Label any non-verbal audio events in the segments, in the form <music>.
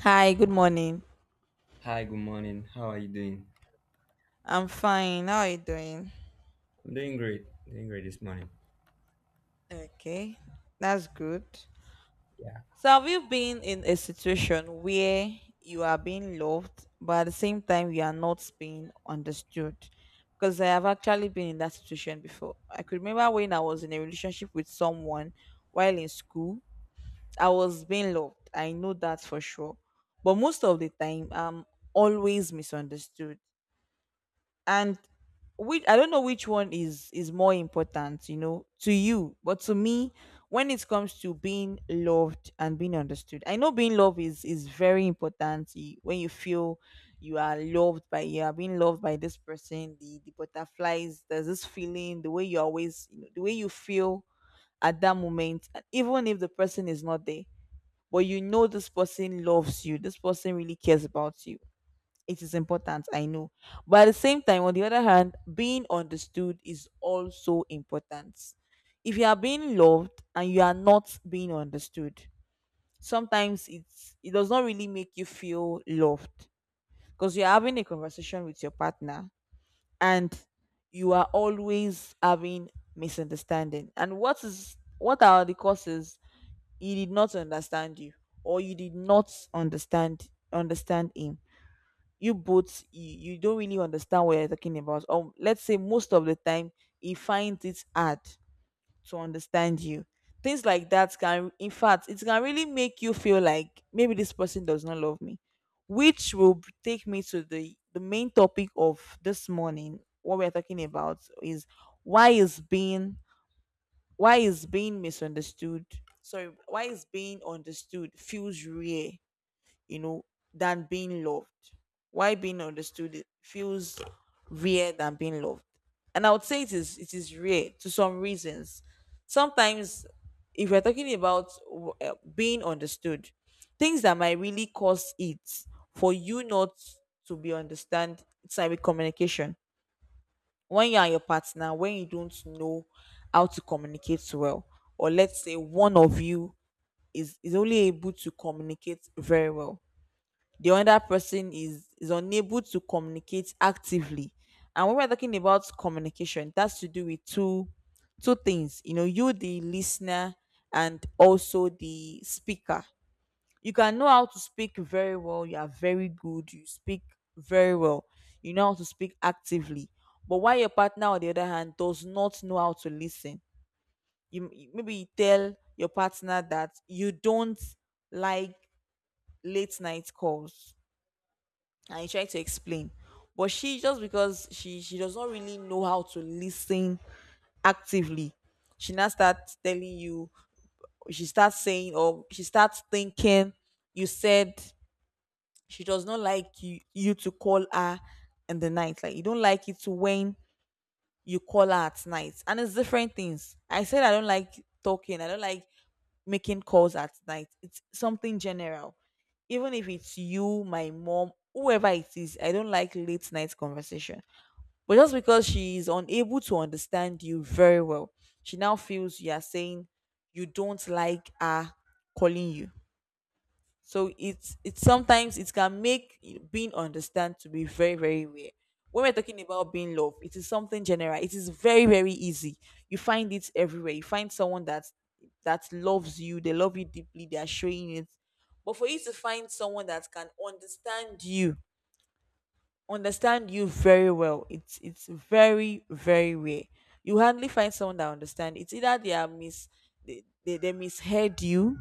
Hi, good morning. Hi, good morning. How are you doing? I'm fine. How are you doing? I'm doing great. Doing great this morning. Okay, that's good. Yeah. So, have you been in a situation where you are being loved, but at the same time, you are not being understood? Because I have actually been in that situation before. I could remember when I was in a relationship with someone while in school, I was being loved. I know that for sure. But most of the time, I'm always misunderstood. And which I don't know which one is more important to you, but to me, when it comes to being loved and being understood, I know being loved is very important. When you feel you are being loved by this person, the butterflies, there's this feeling, the way you always, the way you feel at that moment, and even if the person is not there, but you know this person loves you, this person really cares about you, it is important, I know. But at the same time, on the other hand, being understood is also important. If you are being loved and you are not being understood, sometimes it does not really make you feel loved, because you're having a conversation with your partner and you are always having misunderstanding. And what are the causes? He did not understand you, or you did not understand him. You both, you don't really understand what you're talking about, or let's say most of the time he finds it hard to understand you. Things like that can, in fact, it can really make you feel like maybe this person does not love me, which will take me to the main topic of this morning. What we're talking about is: why is being why is being misunderstood, sorry, why is being understood feels rare, you know, than being loved. Why being understood feels rare than being loved. And I would say it is rare to some reasons. Sometimes, if we're talking about being understood, things that might really cause it for you not to be understand, it's like communication. When your partner, when you don't know how to communicate well, or let's say one of you is only able to communicate very well, the other person is unable to communicate actively. And when we're talking about communication, that's to do with two things, you, the listener, and also the speaker. You can know how to speak very well. You are very good. You speak very well. You know how to speak actively. But while your partner on the other hand does not know how to listen, maybe you tell your partner that you don't like late night calls, and he tried to explain, but she just because she does not really know how to listen actively, she now starts telling you, she starts saying, or she starts thinking you said she does not like you to call her in the night, like you don't like it when you call her at night. And it's different things. I said I don't like talking, I don't like making calls at night. It's something general. Even if it's you, my mom, whoever it is, I don't like late night conversation. But just because she is unable to understand you very well, she now feels you are saying you don't like her calling you. So it's, sometimes it can make being understand to be very, very rare. When we're talking about being loved, it is something general. It is very, very easy. You find it everywhere. You find someone that loves you. They love you deeply. They are showing it. But for you to find someone that can understand you very well, it's very, very rare. You hardly find someone that understand. It's either they are mis they misheard you,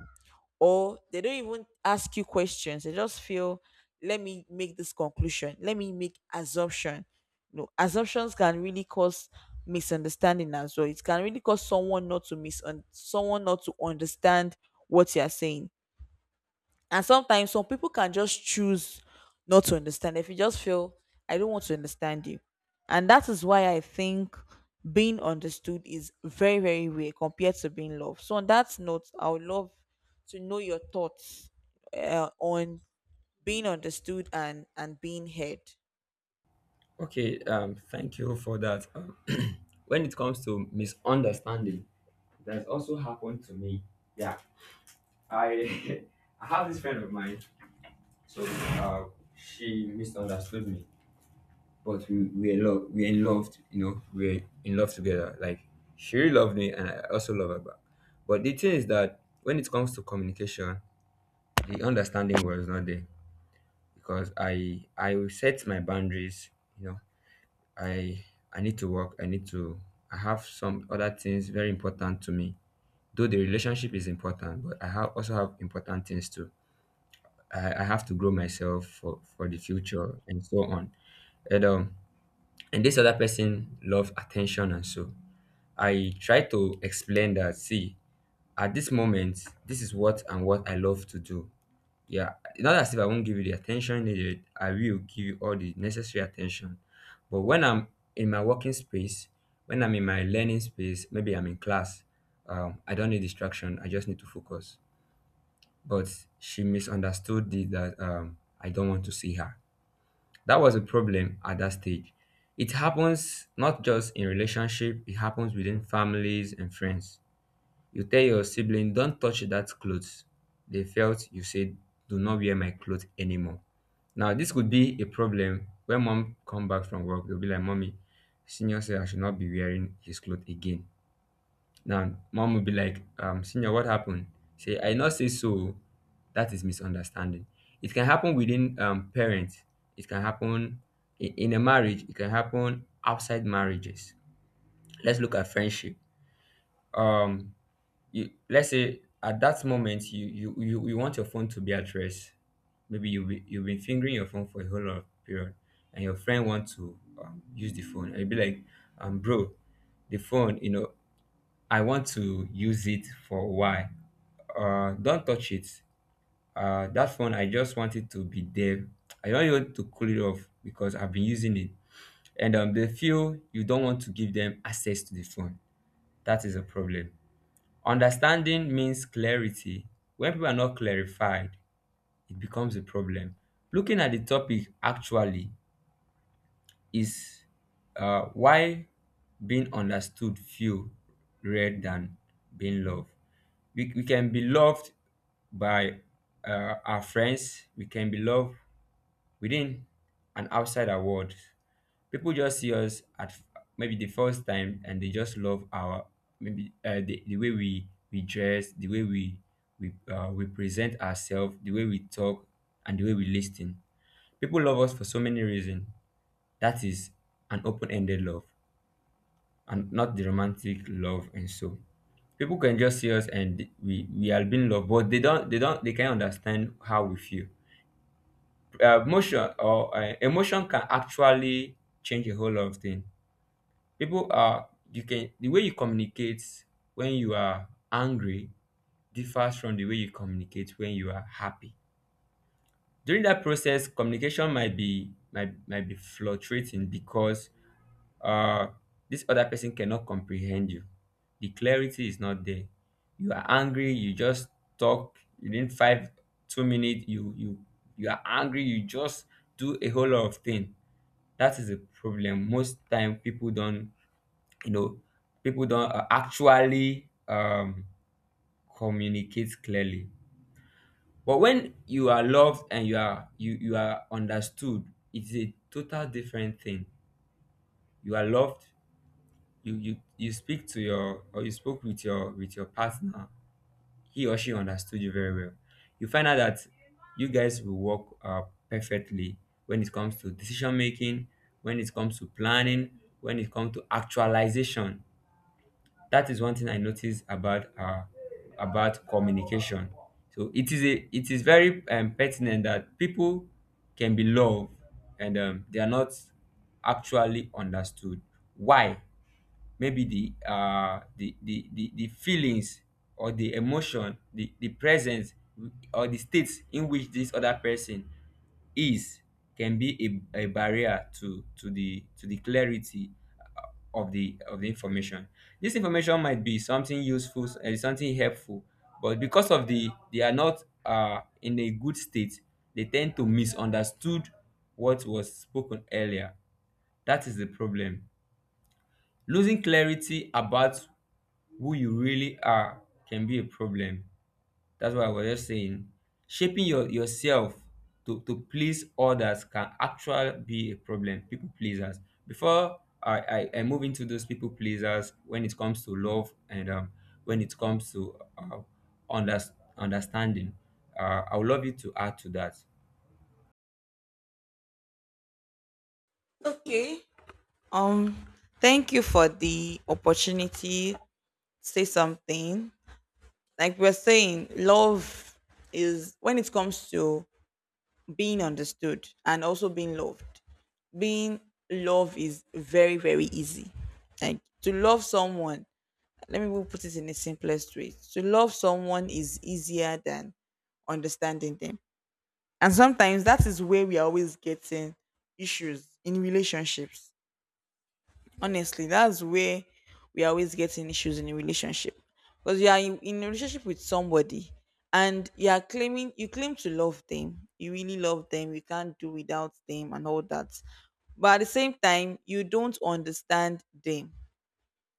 or they don't even ask you questions. They just feel, let me make this conclusion. Let me make assumption. No, assumptions can really cause misunderstanding as well. It can really cause someone not to someone not to understand what you are saying. And sometimes some people can just choose not to understand. If you just feel, I don't want to understand you. And that is why I think being understood is very, very rare compared to being loved. So, on that note, I would love to know your thoughts on being understood and being heard. Okay. Thank you for that. <clears throat> When it comes to misunderstanding, that's also happened to me. Yeah. I <laughs> I have this friend of mine. So, she misunderstood me, but we are in love. You know, we're in love together. Like she really loved me, and I also love her back. But the thing is that when it comes to communication, the understanding was not there because I will set my boundaries. You know, I need to work. I need to. I have some other things very important to me. Though the relationship is important, but I have also have important things too. I have to grow myself for the future and so on. And and this other person love attention and so I try to explain that. See, at this moment, this is what and what I love to do. Yeah, not as if I won't give you the attention needed. I will give you all the necessary attention. But when I'm in my working space, when I'm in my learning space, maybe I'm in class, I don't need distraction. I just need to focus. But she misunderstood it that I don't want to see her. That was a problem at that stage. It happens not just in relationship. It happens within families and friends. You tell your sibling, don't touch that clothes, they felt you said, do not wear my clothes anymore. Now this could be a problem. When mom come back from work, they'll be like, mommy, senior said I should not be wearing his clothes again. Now mom will be like, senior, what happened? Say I not say so. That is misunderstanding. It can happen within parents, it can happen in a marriage, it can happen outside marriages. Let's look at friendship. um you, let's say at that moment, you want your phone to be at rest. Maybe you've been fingering your phone for a whole lot of period and your friend want to use the phone. I you be like, bro, the phone, you know, I want to use it for a while. Don't touch it. That phone, I just want it to be there. I don't want to cool it off because I've been using it. And they feel you don't want to give them access to the phone. That is a problem. Understanding means clarity. When people are not clarified, it becomes a problem. Looking at the topic actually is, why being understood feel rather than being loved. We can be loved by our friends, we can be loved within and outside our world. People just see us at maybe the first time and they just love our, maybe the way we dress, the way we we present ourselves, the way we talk, and the way we listen. People love us for so many reasons. That is an open-ended love and not the romantic love. And so people can just see us and we are being loved, but they can't understand how we feel. Motion or Emotion can actually change a whole lot of things. People are you can the way you communicate when you are angry differs from the way you communicate when you are happy. During that process, communication might might be fluctuating because uh this other person cannot comprehend you. The clarity is not there. You are angry, you just talk within five, 2 minutes, you are angry, you just do a whole lot of things. That is a problem. Most time people don't, you know, people don't actually communicate clearly. But when you are loved and you are you you are understood, it's a total different thing. You are loved, you speak to your, or you spoke with your partner, he or she understood you very well. You find out that you guys will work perfectly when it comes to decision making, when it comes to planning, when it comes to actualization. That is one thing I noticed about communication. So it is very pertinent that people can be loved and they are not actually understood. Why? Maybe the the feelings or the emotion, the presence or the state in which this other person is, can be a barrier to the clarity of the information. This information might be something useful and something helpful, but because of the, they are not in a good state, they tend to misunderstood what was spoken earlier. That is the problem. Losing clarity about who you really are can be a problem. That's why I was just saying shaping yourself to please others can actually be a problem. People pleasers. Before I move into those people pleasers when it comes to love and when it comes to under, understanding, I would love you to add to that. Okay. Um, Thank you for the opportunity to say something. Like we're saying, love is, when it comes to being understood and also being loved, being loved is very, very easy. Like, to love someone, let me put it in the simplest way. To love someone is easier than understanding them. And sometimes that is where we are always getting issues in relationships. Honestly, that's where we always getting issues in a relationship. Because you are in a relationship with somebody, and you claim to love them. You really love them. You can't do without them and all that. But at the same time, you don't understand them.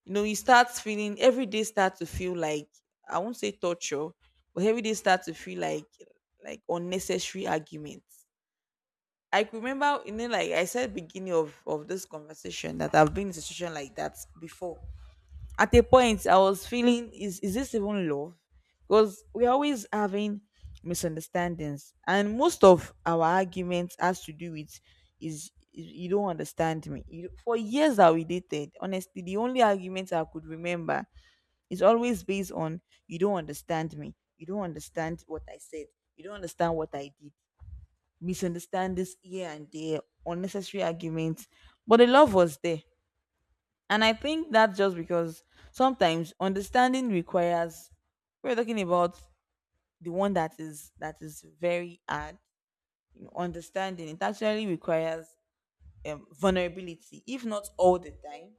You know, you start feeling every day start to feel like, I won't say torture, but every day start to feel like unnecessary arguments. I could remember, like I said, beginning of this conversation that I've been in a situation like that before. At a point, I was feeling, is this even love? Because we're always having misunderstandings, and most of our arguments has to do with is you don't understand me. You, for years that we dated, honestly, the only argument I could remember is always based on, you don't understand me. You don't understand what I said. You don't understand what I did. Misunderstand this here and there, unnecessary arguments, but the love was there. And I think that's just because sometimes understanding requires, we're talking about, the one that is very hard. You know, understanding it actually requires vulnerability, if not all the time,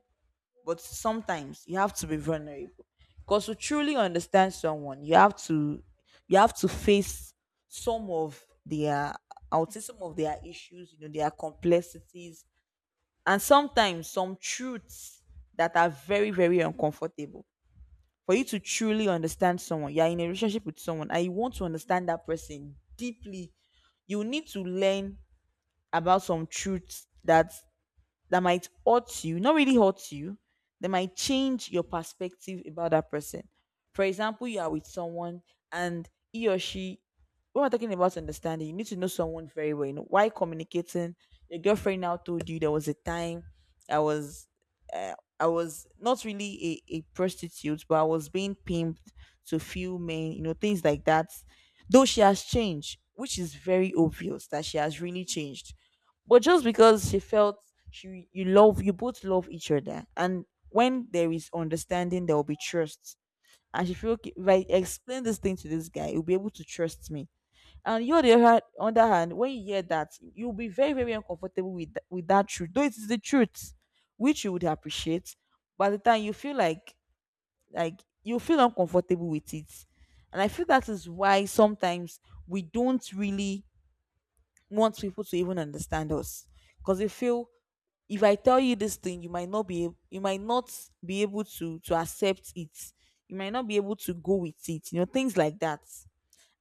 but sometimes you have to be vulnerable. Because to truly understand someone, you have to face some of their, I would say some of their issues, their complexities, and sometimes some truths that are very, very uncomfortable. For you to truly understand someone, you are in a relationship with someone and you want to understand that person deeply, you need to learn about some truths that might hurt you, not really hurt you, that might change your perspective about that person. For example, you are with someone, and he or she, when we're talking about understanding, you need to know someone very well. You know, why communicating? Your girlfriend now told you there was a time I was, uh, I was not really a prostitute, but I was being pimped to few men, you know, things like that. Though she has changed, which is very obvious that she has really changed, but just because she felt she you both love each other, and when there is understanding there will be trust, and she feel, okay, if I explain this thing to this guy he'll be able to trust me. And you, on the other hand, when you hear that, you'll be very, very uncomfortable with with that truth, though it is the truth, which you would appreciate. By the time you feel like, you feel uncomfortable with it, and I feel that is why sometimes we don't really want people to even understand us, because we feel if I tell you this thing, you might not be you might not be able to accept it, you might not be able to go with it, you know, things like that.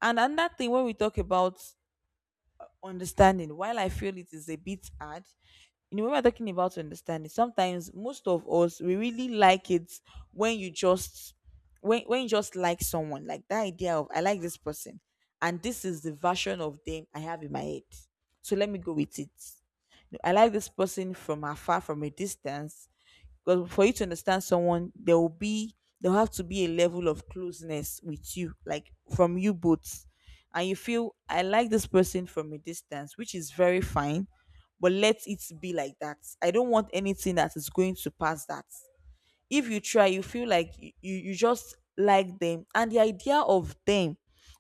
And another thing, when we talk about understanding, while I feel it is a bit hard, you know, when we're talking about understanding, sometimes most of us we really like it when you just when you just like someone, like that idea of, I like this person, and this is the version of them I have in my head, so let me go with it. You know, I like this person from afar, from a distance, because for you to understand someone, there'll have to be a level of closeness with you, like from you both. And you feel, I like this person from a distance, which is very fine, but let it be like that. I don't want anything that is going to pass that. If you try you feel like you just like them and the idea of them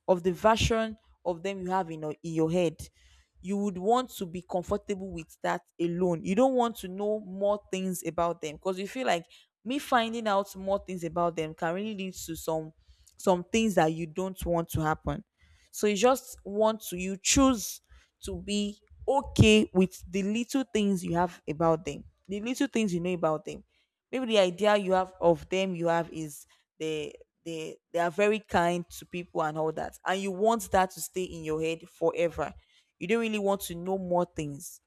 of the version of them you have in your head. You would want to be comfortable with that alone. You don't want to know more things about them because you feel like me finding out more things about them can really lead to some things that you don't want to happen. So you just want to you choose to be okay with the little things you have about them, the little things you know about them. Maybe the idea you have of them you have is they they are very kind to people and all that, and you want that to stay in your head forever. You don't really want to know more things.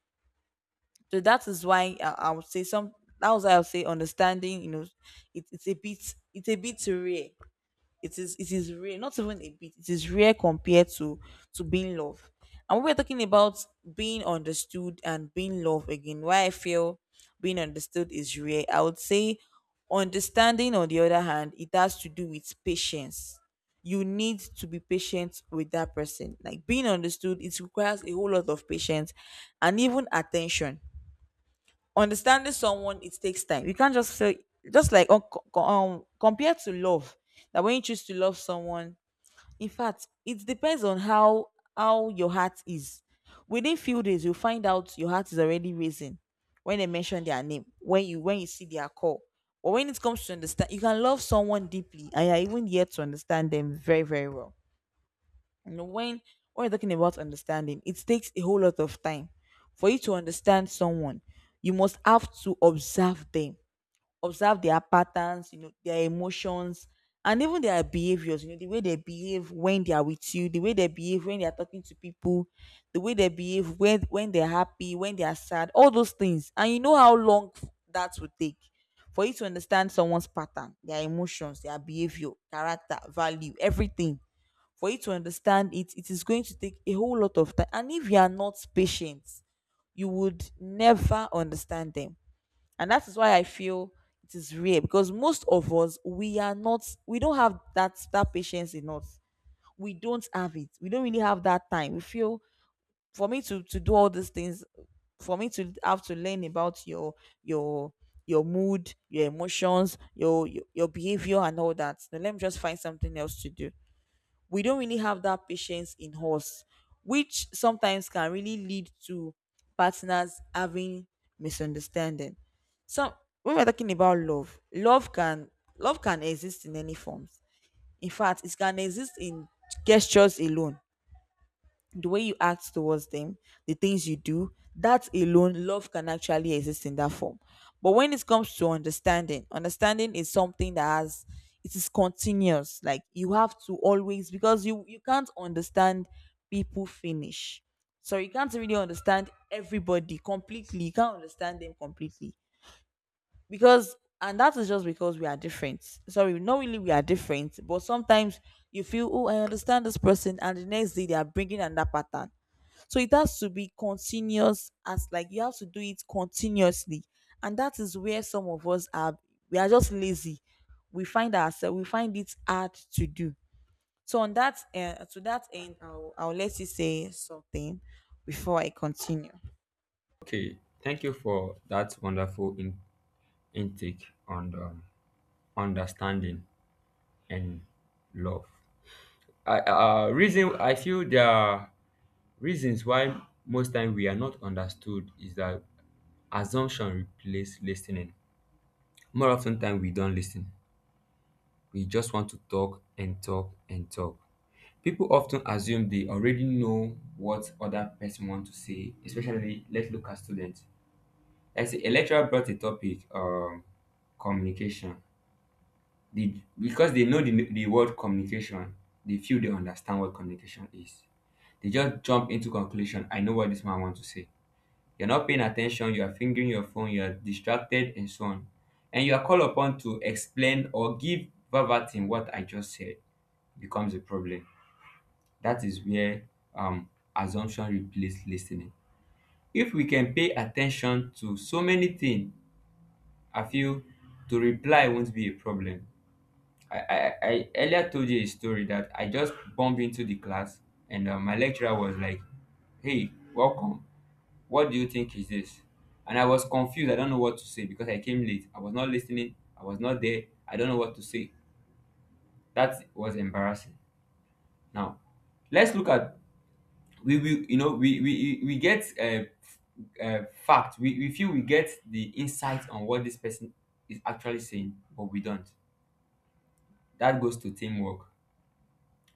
So that is why I would say some, that was why I would say understanding, you know, it's a bit, it's a bit rare. It is rare, not even a bit, it is rare compared to being loved. And when we're talking about being understood and being loved, again, why I feel being understood is rare, I would say understanding, on the other hand, it has to do with patience. You need to be patient with that person. Like being understood, it requires a whole lot of patience, and even attention. Understanding someone, it takes time. You can't just say, just like compared to love, that when you choose to love someone, in fact it depends on how your heart is. Within few days you'll find out your heart is already raising when they mention their name, when you see their call. But when it comes to understand, you can love someone deeply and you're even yet to understand them very very well. And when you're talking about understanding, it takes a whole lot of time for you to understand someone. You must have to observe them, observe their patterns, you know, their emotions, and even their behaviors. You know, the way they behave when they are with you, the way they behave when they are talking to people, the way they behave when they're happy, when they are sad, all those things. And you know how long that would take for you to understand someone's pattern, their emotions, their behavior, character, value, everything. For you to understand it, it is going to take a whole lot of time, and if you are not patient you would never understand them. And that is why I feel it is rare, because most of us we are not, we don't have that patience in us. We don't have it, we don't really have that time. We feel, for me to do all these things, for me to have to learn about your your mood, your emotions, your behavior and all that, now let me just find something else to do. We don't really have that patience in us, which sometimes can really lead to partners having misunderstanding. So when we're talking about love, love can exist in any forms. In fact, it can exist in gestures alone, the way you act towards them, the things you do, that alone, love can actually exist in that form. But when it comes to understanding, understanding is something that has, it is continuous. Like you have to always, because you can't understand people finish. So you can't really understand everybody completely. You can't understand them completely because, and that is just because we are different. Sorry, not really we are different, but sometimes you feel, oh, I understand this person, and the next day they are bringing another pattern. So it has to be continuous, as like you have to do it continuously. And that is where some of us are, we are just lazy. We find ourselves, we find it hard to do. So on that, to that end I'll let you say something before I continue. Okay, thank you for that wonderful intake on understanding and love. I, reason I feel there are reasons why most time we are not understood is that assumption replace listening. More often time we don't listen. We just want to talk and talk and talk. People often assume they already know what other person want to say, especially let's look at students. Let's say a lecturer brought a topic, communication. The Because they know the word communication, they feel they understand what communication is. They just jump into conclusion, I know what this man wants to say. You're not paying attention, you are fingering your phone, you are distracted, and so on. And you are called upon to explain or give verbatim what I just said. Becomes a problem. That is where um assumption replaces listening. If we can pay attention to so many things, I feel to reply won't be a problem. I earlier told you a story that I just bumped into the class, and my lecturer was like, hey, welcome. What do you think is this? And I was confused. I don't know what to say because I came late. I was not listening. I was not there. I don't know what to say. That was embarrassing. Now, let's look at, we you know we get f- uh, fact we feel we get the insight on what this person is actually saying, but we don't. That goes to teamwork.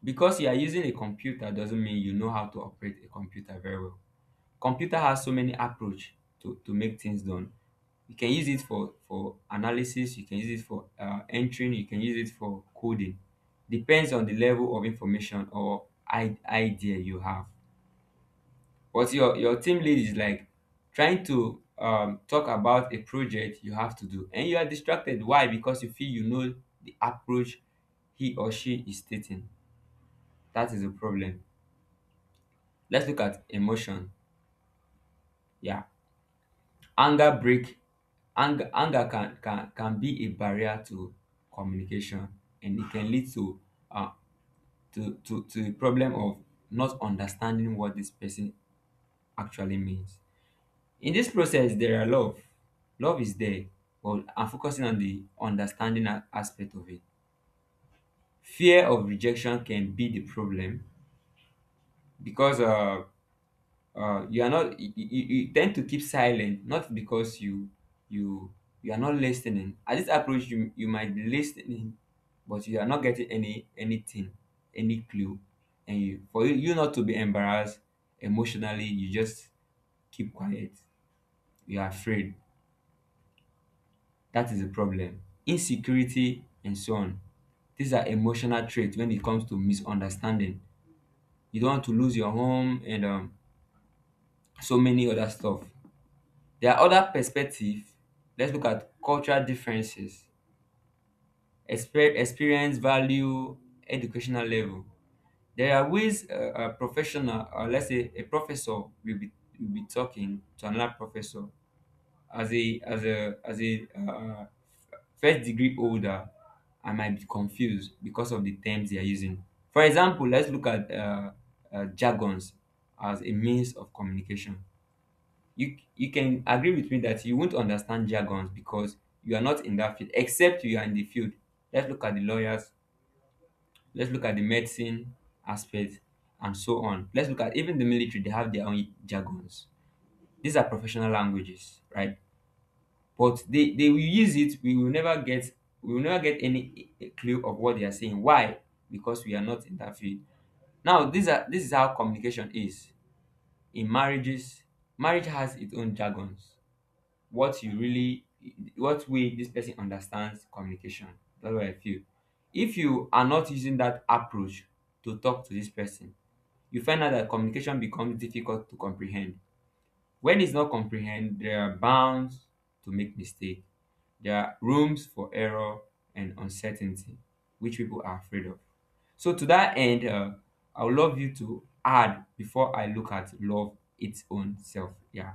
Because you are using a computer doesn't mean you know how to operate a computer very well. Computer has so many approach to make things done. You can use it for analysis, you can use it for entering, you can use it for coding. Depends on the level of information or idea you have. But your team lead is like trying to talk about a project you have to do, and you are distracted. Why? Because you feel you know the approach he or she is stating. That is a problem. Let's look at emotion. Yeah. Anger break. Anger can can be a barrier to communication, and it can lead to uh to a problem of not understanding what this person actually means. In this process, there are love. Love is there, but I'm focusing on the understanding aspect of it. Fear of rejection can be the problem. Because you are not, you tend to keep silent. Not because you you are not listening at this approach, you might be listening, but you are not getting anything, any clue. And you, for you not to be embarrassed emotionally, you just keep quiet. You are afraid. That is the problem. Insecurity and so on. These are emotional traits when it comes to misunderstanding. You don't want to lose your home and so many other stuff. There are other perspective. Let's look at cultural differences, experience, value, educational level. There are ways a professional, or let's say a professor, will be talking to another professor as a first degree holder. I might be confused because of the terms they are using. For example, let's look at jargons as a means of communication. You can agree with me that you won't understand jargons because you are not in that field, except you are in the field. Let's look at the lawyers, let's look at the medicine aspect, and so on. Let's look at even the military, they have their own jargons. These are professional languages, right? But they will use it, we will never get, we will never get any clue of what they are saying. Why? Because we are not in that field. Now, these are, this is how communication is. In marriages, marriage has its own jargons. What you really, what way this person understands communication, that's what I feel. If you are not using that approach to talk to this person, you find out that communication becomes difficult to comprehend. When it's not comprehend, there are bounds to make mistake. There are rooms for error and uncertainty, which people are afraid of. So to that end, I would love you to add before I look at love its own self. Yeah.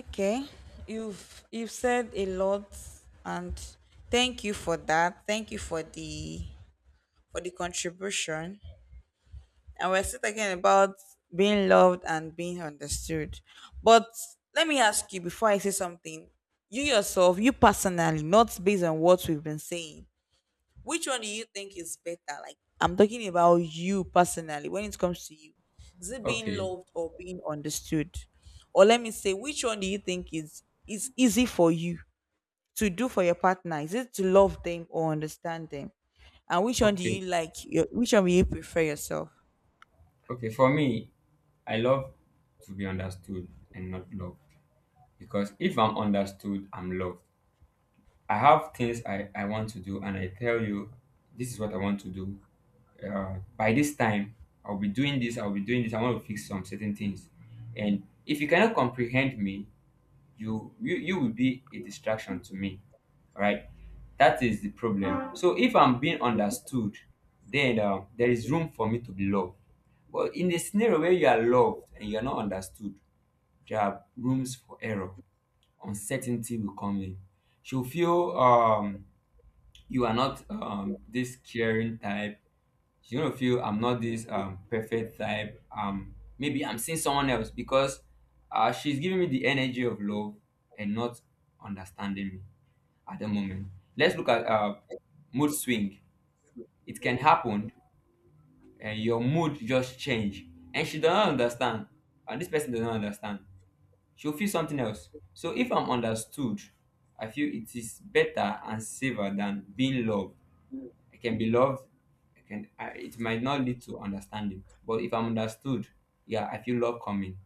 Okay. You've said a lot, and thank you for that. Thank you for the contribution. And we're still talking about being loved and being understood. But let me ask you before I say something, you yourself, you personally, not based on what we've been saying, which one do you think is better? Like, I'm talking about you personally when it comes to you. Is it being Okay. loved or being understood? Or let me say, which one do you think is easy for you to do for your partner? Is it to love them or understand them? And which one do okay you like? Your, which one will you prefer yourself? okay, for me, I love to be understood and not loved, because if I'm understood, I'm loved. I have things I want to do, and I tell you, this is what I want to do. By this time, I'll be doing this, I'll be doing this, I want to fix some certain things. And if you cannot comprehend me, you will be a distraction to me, right? That is the problem. So if I'm being understood, then there is room for me to be loved. But in the scenario where you are loved and you are not understood, there are rooms for error. Uncertainty will come in. She'll feel you are not this caring type. She's gonna feel I'm not this perfect type. Maybe I'm seeing someone else because she's giving me the energy of love and not understanding me at the moment. Let's look at mood swing. It can happen, and your mood just change, and she does not understand, and this person does not understand. She'll feel something else. So if I'm understood, I feel it is better and safer than being loved. I can be loved, I can. It might not lead to understanding, but if I'm understood, yeah, I feel love coming,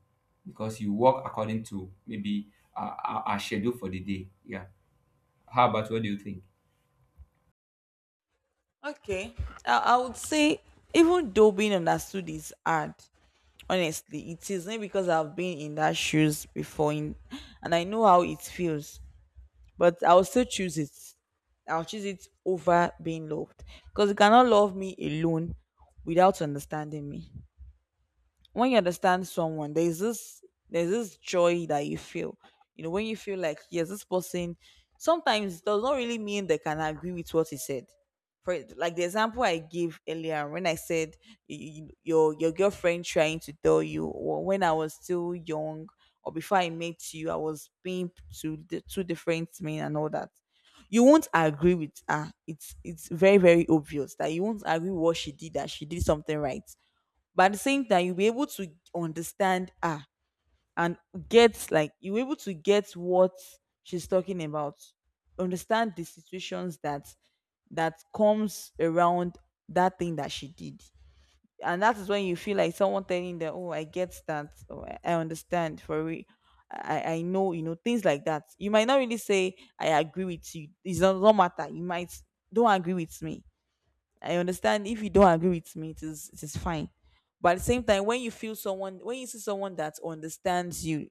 because you work according to maybe our schedule for the day. Yeah. How about, what do you think? Okay. I would say, even though being understood is hard, honestly, it is not, because I've been in that shoes before in, and I know how it feels. But I'll still choose it. I'll choose it over being loved. Because you cannot love me alone without understanding me. When you understand someone, there's this, there's this joy that you feel. You know, when you feel like, yes, this person sometimes does not really mean they can agree with what he said. For like the example I gave earlier, when I said your girlfriend trying to tell you, or when I was still young, or before I met you, I was being to the two different men and all that, you won't agree with her. It's very very obvious that you won't agree with what she did, that she did something right. But at the same time, you'll be able to understand, ah, and get, like, you're able to get what she's talking about, understand the situations that that comes around, that thing that she did. And that is when you feel like someone telling them, oh, I get that, oh, I understand for real. I know, you know, things like that. You might not really say I agree with you, it does not, no matter, you might, don't agree with me. I understand. If you don't agree with me, it is fine. But at the same time, when you feel someone, when you see someone that understands you,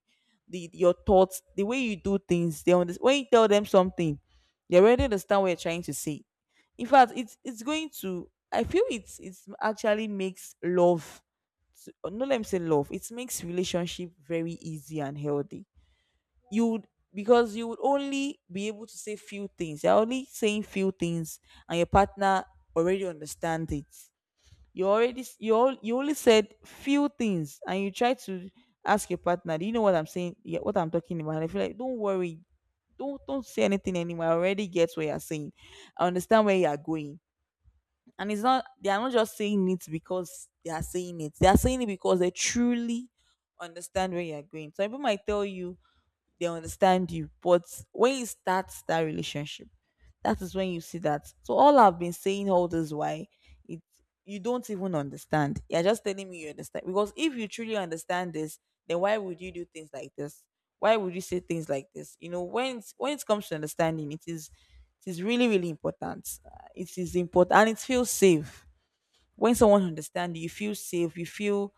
the your thoughts, the way you do things, they understand. When you tell them something, they already understand what you're trying to say. In fact, it's going to, I feel it's actually makes love. No, let me say love. It makes relationship very easy and healthy. You would, because you would only be able to say few things. You're only saying few things, and your partner already understands it. You already s- you all, you only said few things, and you try to ask your partner, "Do you know what I'm saying? Yeah, what I'm talking about?" And I feel like, don't worry, don't say anything anymore. I already get what you're saying. I understand where you are going, and it's not, they are not just saying it because they are saying it. They are saying it because they truly understand where you are going. So people might tell you they understand you. But when you start that relationship, that is when you see that. So all I've been saying all this, why it, you don't even understand. You're just telling me you understand. Because if you truly understand this, then why would you do things like this? Why would you say things like this? You know, when it's, when it comes to understanding, it is really really important. It is important, and it feels safe when someone understands you. You feel safe. You feel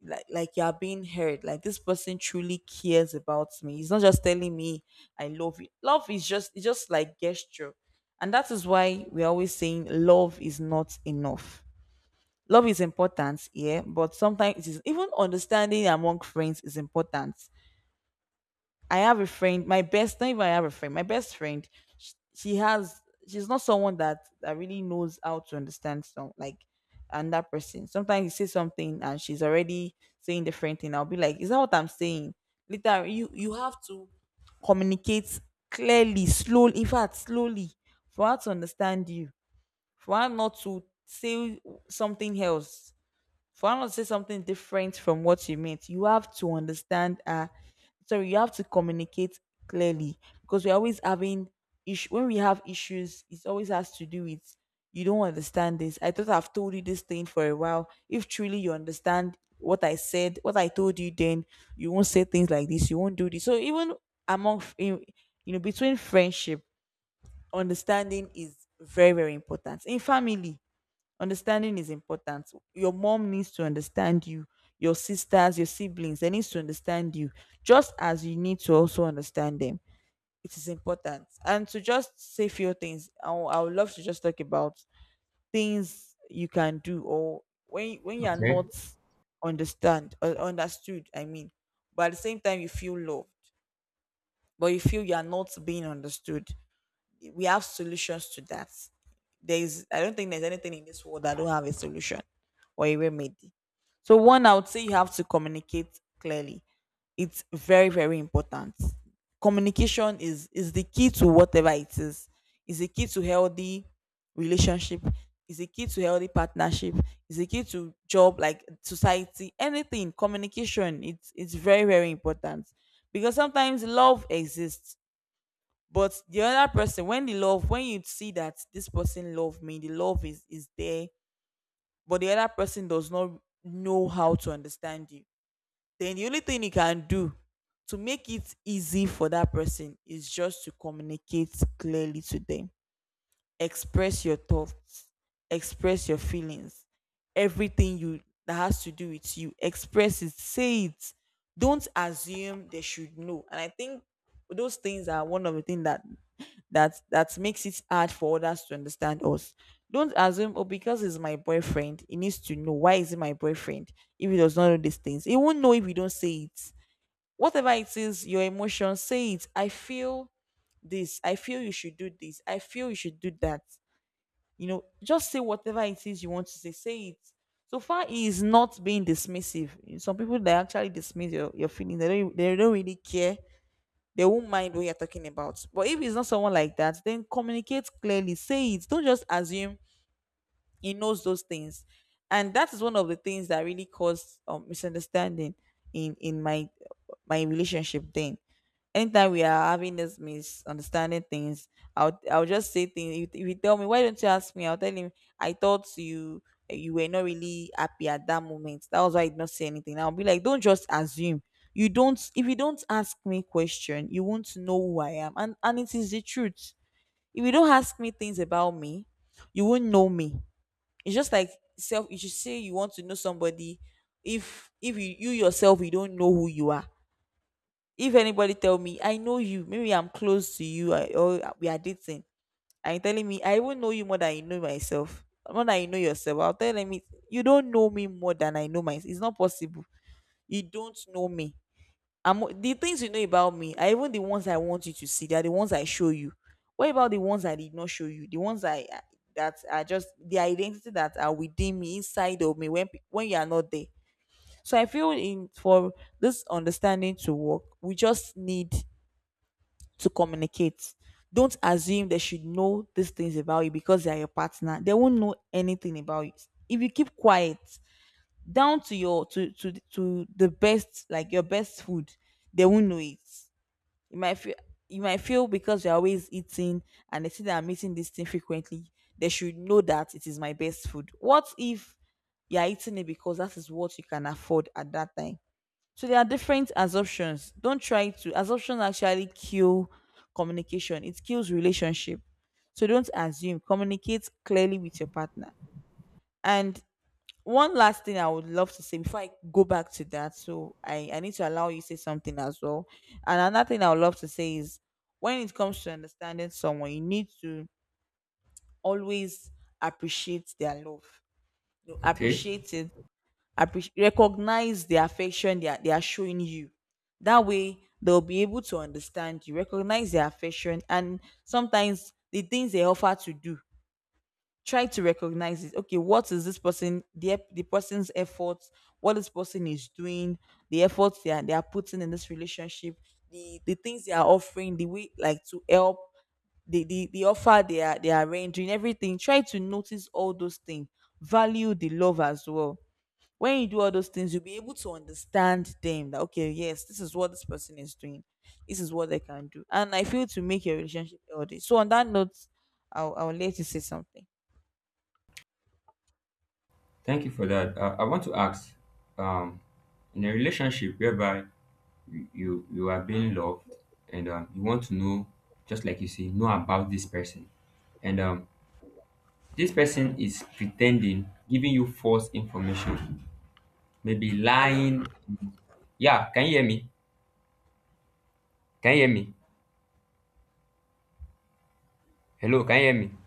like you're being heard, like this person truly cares about me, he's not just telling me I love you. Love is just, it's just like gesture. And that is why we're always saying love is not enough. Love is important, yeah, but sometimes it is, even understanding among friends is important. I have a friend, my best, not even, I have a friend, my best friend, she has, she's not someone that really knows how to understand some, like, another person. Sometimes you say something and she's already saying different thing. I'll be like, is that what I'm saying? Later, you have to communicate clearly, slowly, in fact, slowly, for her to understand you, for her not to say something else, for her not to say something different from what you meant, you have to understand. Sorry, you have to communicate clearly, because we're always having issue. When we have issues, it always has to do with, you don't understand this. I thought I've told you this thing for a while. If truly you understand what I said, what I told you, then you won't say things like this. You won't do this. So even among f- in, you know, between friendship, understanding is very very important. In family, understanding is important. Your mom needs to understand you, your sisters, your siblings, they need to understand you, just as you need to also understand them. It is important. And to just say few things, I would love to just talk about things you can do or when you are Okay. not understand or understood, I mean, but at the same time you feel loved, but you feel you are not being understood. We have solutions to that. There is, I don't think there's anything in this world that don't have a solution or a remedy. So one, I would say you have to communicate clearly. It's very, very important. Communication is the key to whatever it is. Is the key to healthy relationship. Is the key to healthy partnership. Is the key to job, like society, anything. Communication. It's very, very important because sometimes love exists but the other person, when the love, when you see that this person love me, the love is there, but the other person does not know how to understand you, then the only thing you can do to make it easy for that person is just to communicate clearly to them. Express your thoughts, express your feelings, everything you that has to do with you, express it, say it. Don't assume they should know. And I think those things are one of the things that that makes it hard for others to understand us. Don't assume, oh, because it's my boyfriend, he needs to know. Why is it my boyfriend? If he does not know these things, he won't know if you don't say it. Whatever it is, your emotions, say it. I feel this. I feel you should do this. I feel you should do that. You know, just say whatever it is you want to say. Say it. So far, he is not being dismissive. Some people they actually dismiss your feelings. They don't really care. They won't mind what you're talking about. But if it's not someone like that, then communicate clearly. Say it. Don't just assume he knows those things, and that is one of the things that really caused misunderstanding in my relationship. Then anytime we are having this misunderstanding things, I'll just say things. If you tell me, why don't you ask me? I'll tell him, I thought you were not really happy at that moment, that was why I did not say anything. I'll be like, don't just assume. You don't, if you don't ask me question, you won't know who I am, and it is the truth. If you don't ask me things about me, you won't know me. It's just like self. You should say you want to know somebody. If you, you yourself, you don't know who you are. If anybody tell me I know you, maybe I'm close to you or we are dating, and you telling me, I even know you more than you know myself, more than you know yourself. I'll tell them you don't know me more than I know myself. It's not possible. You don't know me. I'm The things you know about me are even the ones I want you to see. They are the ones I show you. What about the ones I did not show you? The ones I- That are just the identity that are within me, inside of me, when you are not there. So I feel in for this understanding to work, we just need to communicate. Don't assume they should know these things about you because they are your partner. They won't know anything about you. If you keep quiet, down to your to the best, like your best food, they won't know it. You might feel, because you're always eating and they see that I'm eating this thing frequently, they should know that it is my best food. What if you're eating it because that is what you can afford at that time? So there are different assumptions. Don't try to Assumptions actually kill communication. It kills relationship. So don't assume. Communicate clearly with your partner. And one last thing I would love to say before I go back to that, so I need to allow you to say something as well. And another thing I would love to say is, when it comes to understanding someone, you need to always appreciate their love. You know, Okay. appreciate it, appreciate, recognize the affection they are showing you. That way, they'll be able to understand you. Recognize their affection, and sometimes the things they offer to do, try to recognize it. Okay, what is this person, the person's efforts, what this person is doing, the efforts they are putting in this relationship, the things they are offering, the way like to help, the offer they are rendering, everything. Try to notice all those things. Value the love as well. When you do all those things, you'll be able to understand them. That okay, yes, this is what this person is doing, this is what they can do, and I feel to make your relationship healthy. So on that note, I'll let you say something. Thank you for that. I want to ask, um, in a relationship whereby you are being loved and you want to know, just like you say, know about this person, and this person is pretending, giving you false information, maybe lying. Hello? Yeah, can you hear me? Can you hear me? Hello, can you hear me?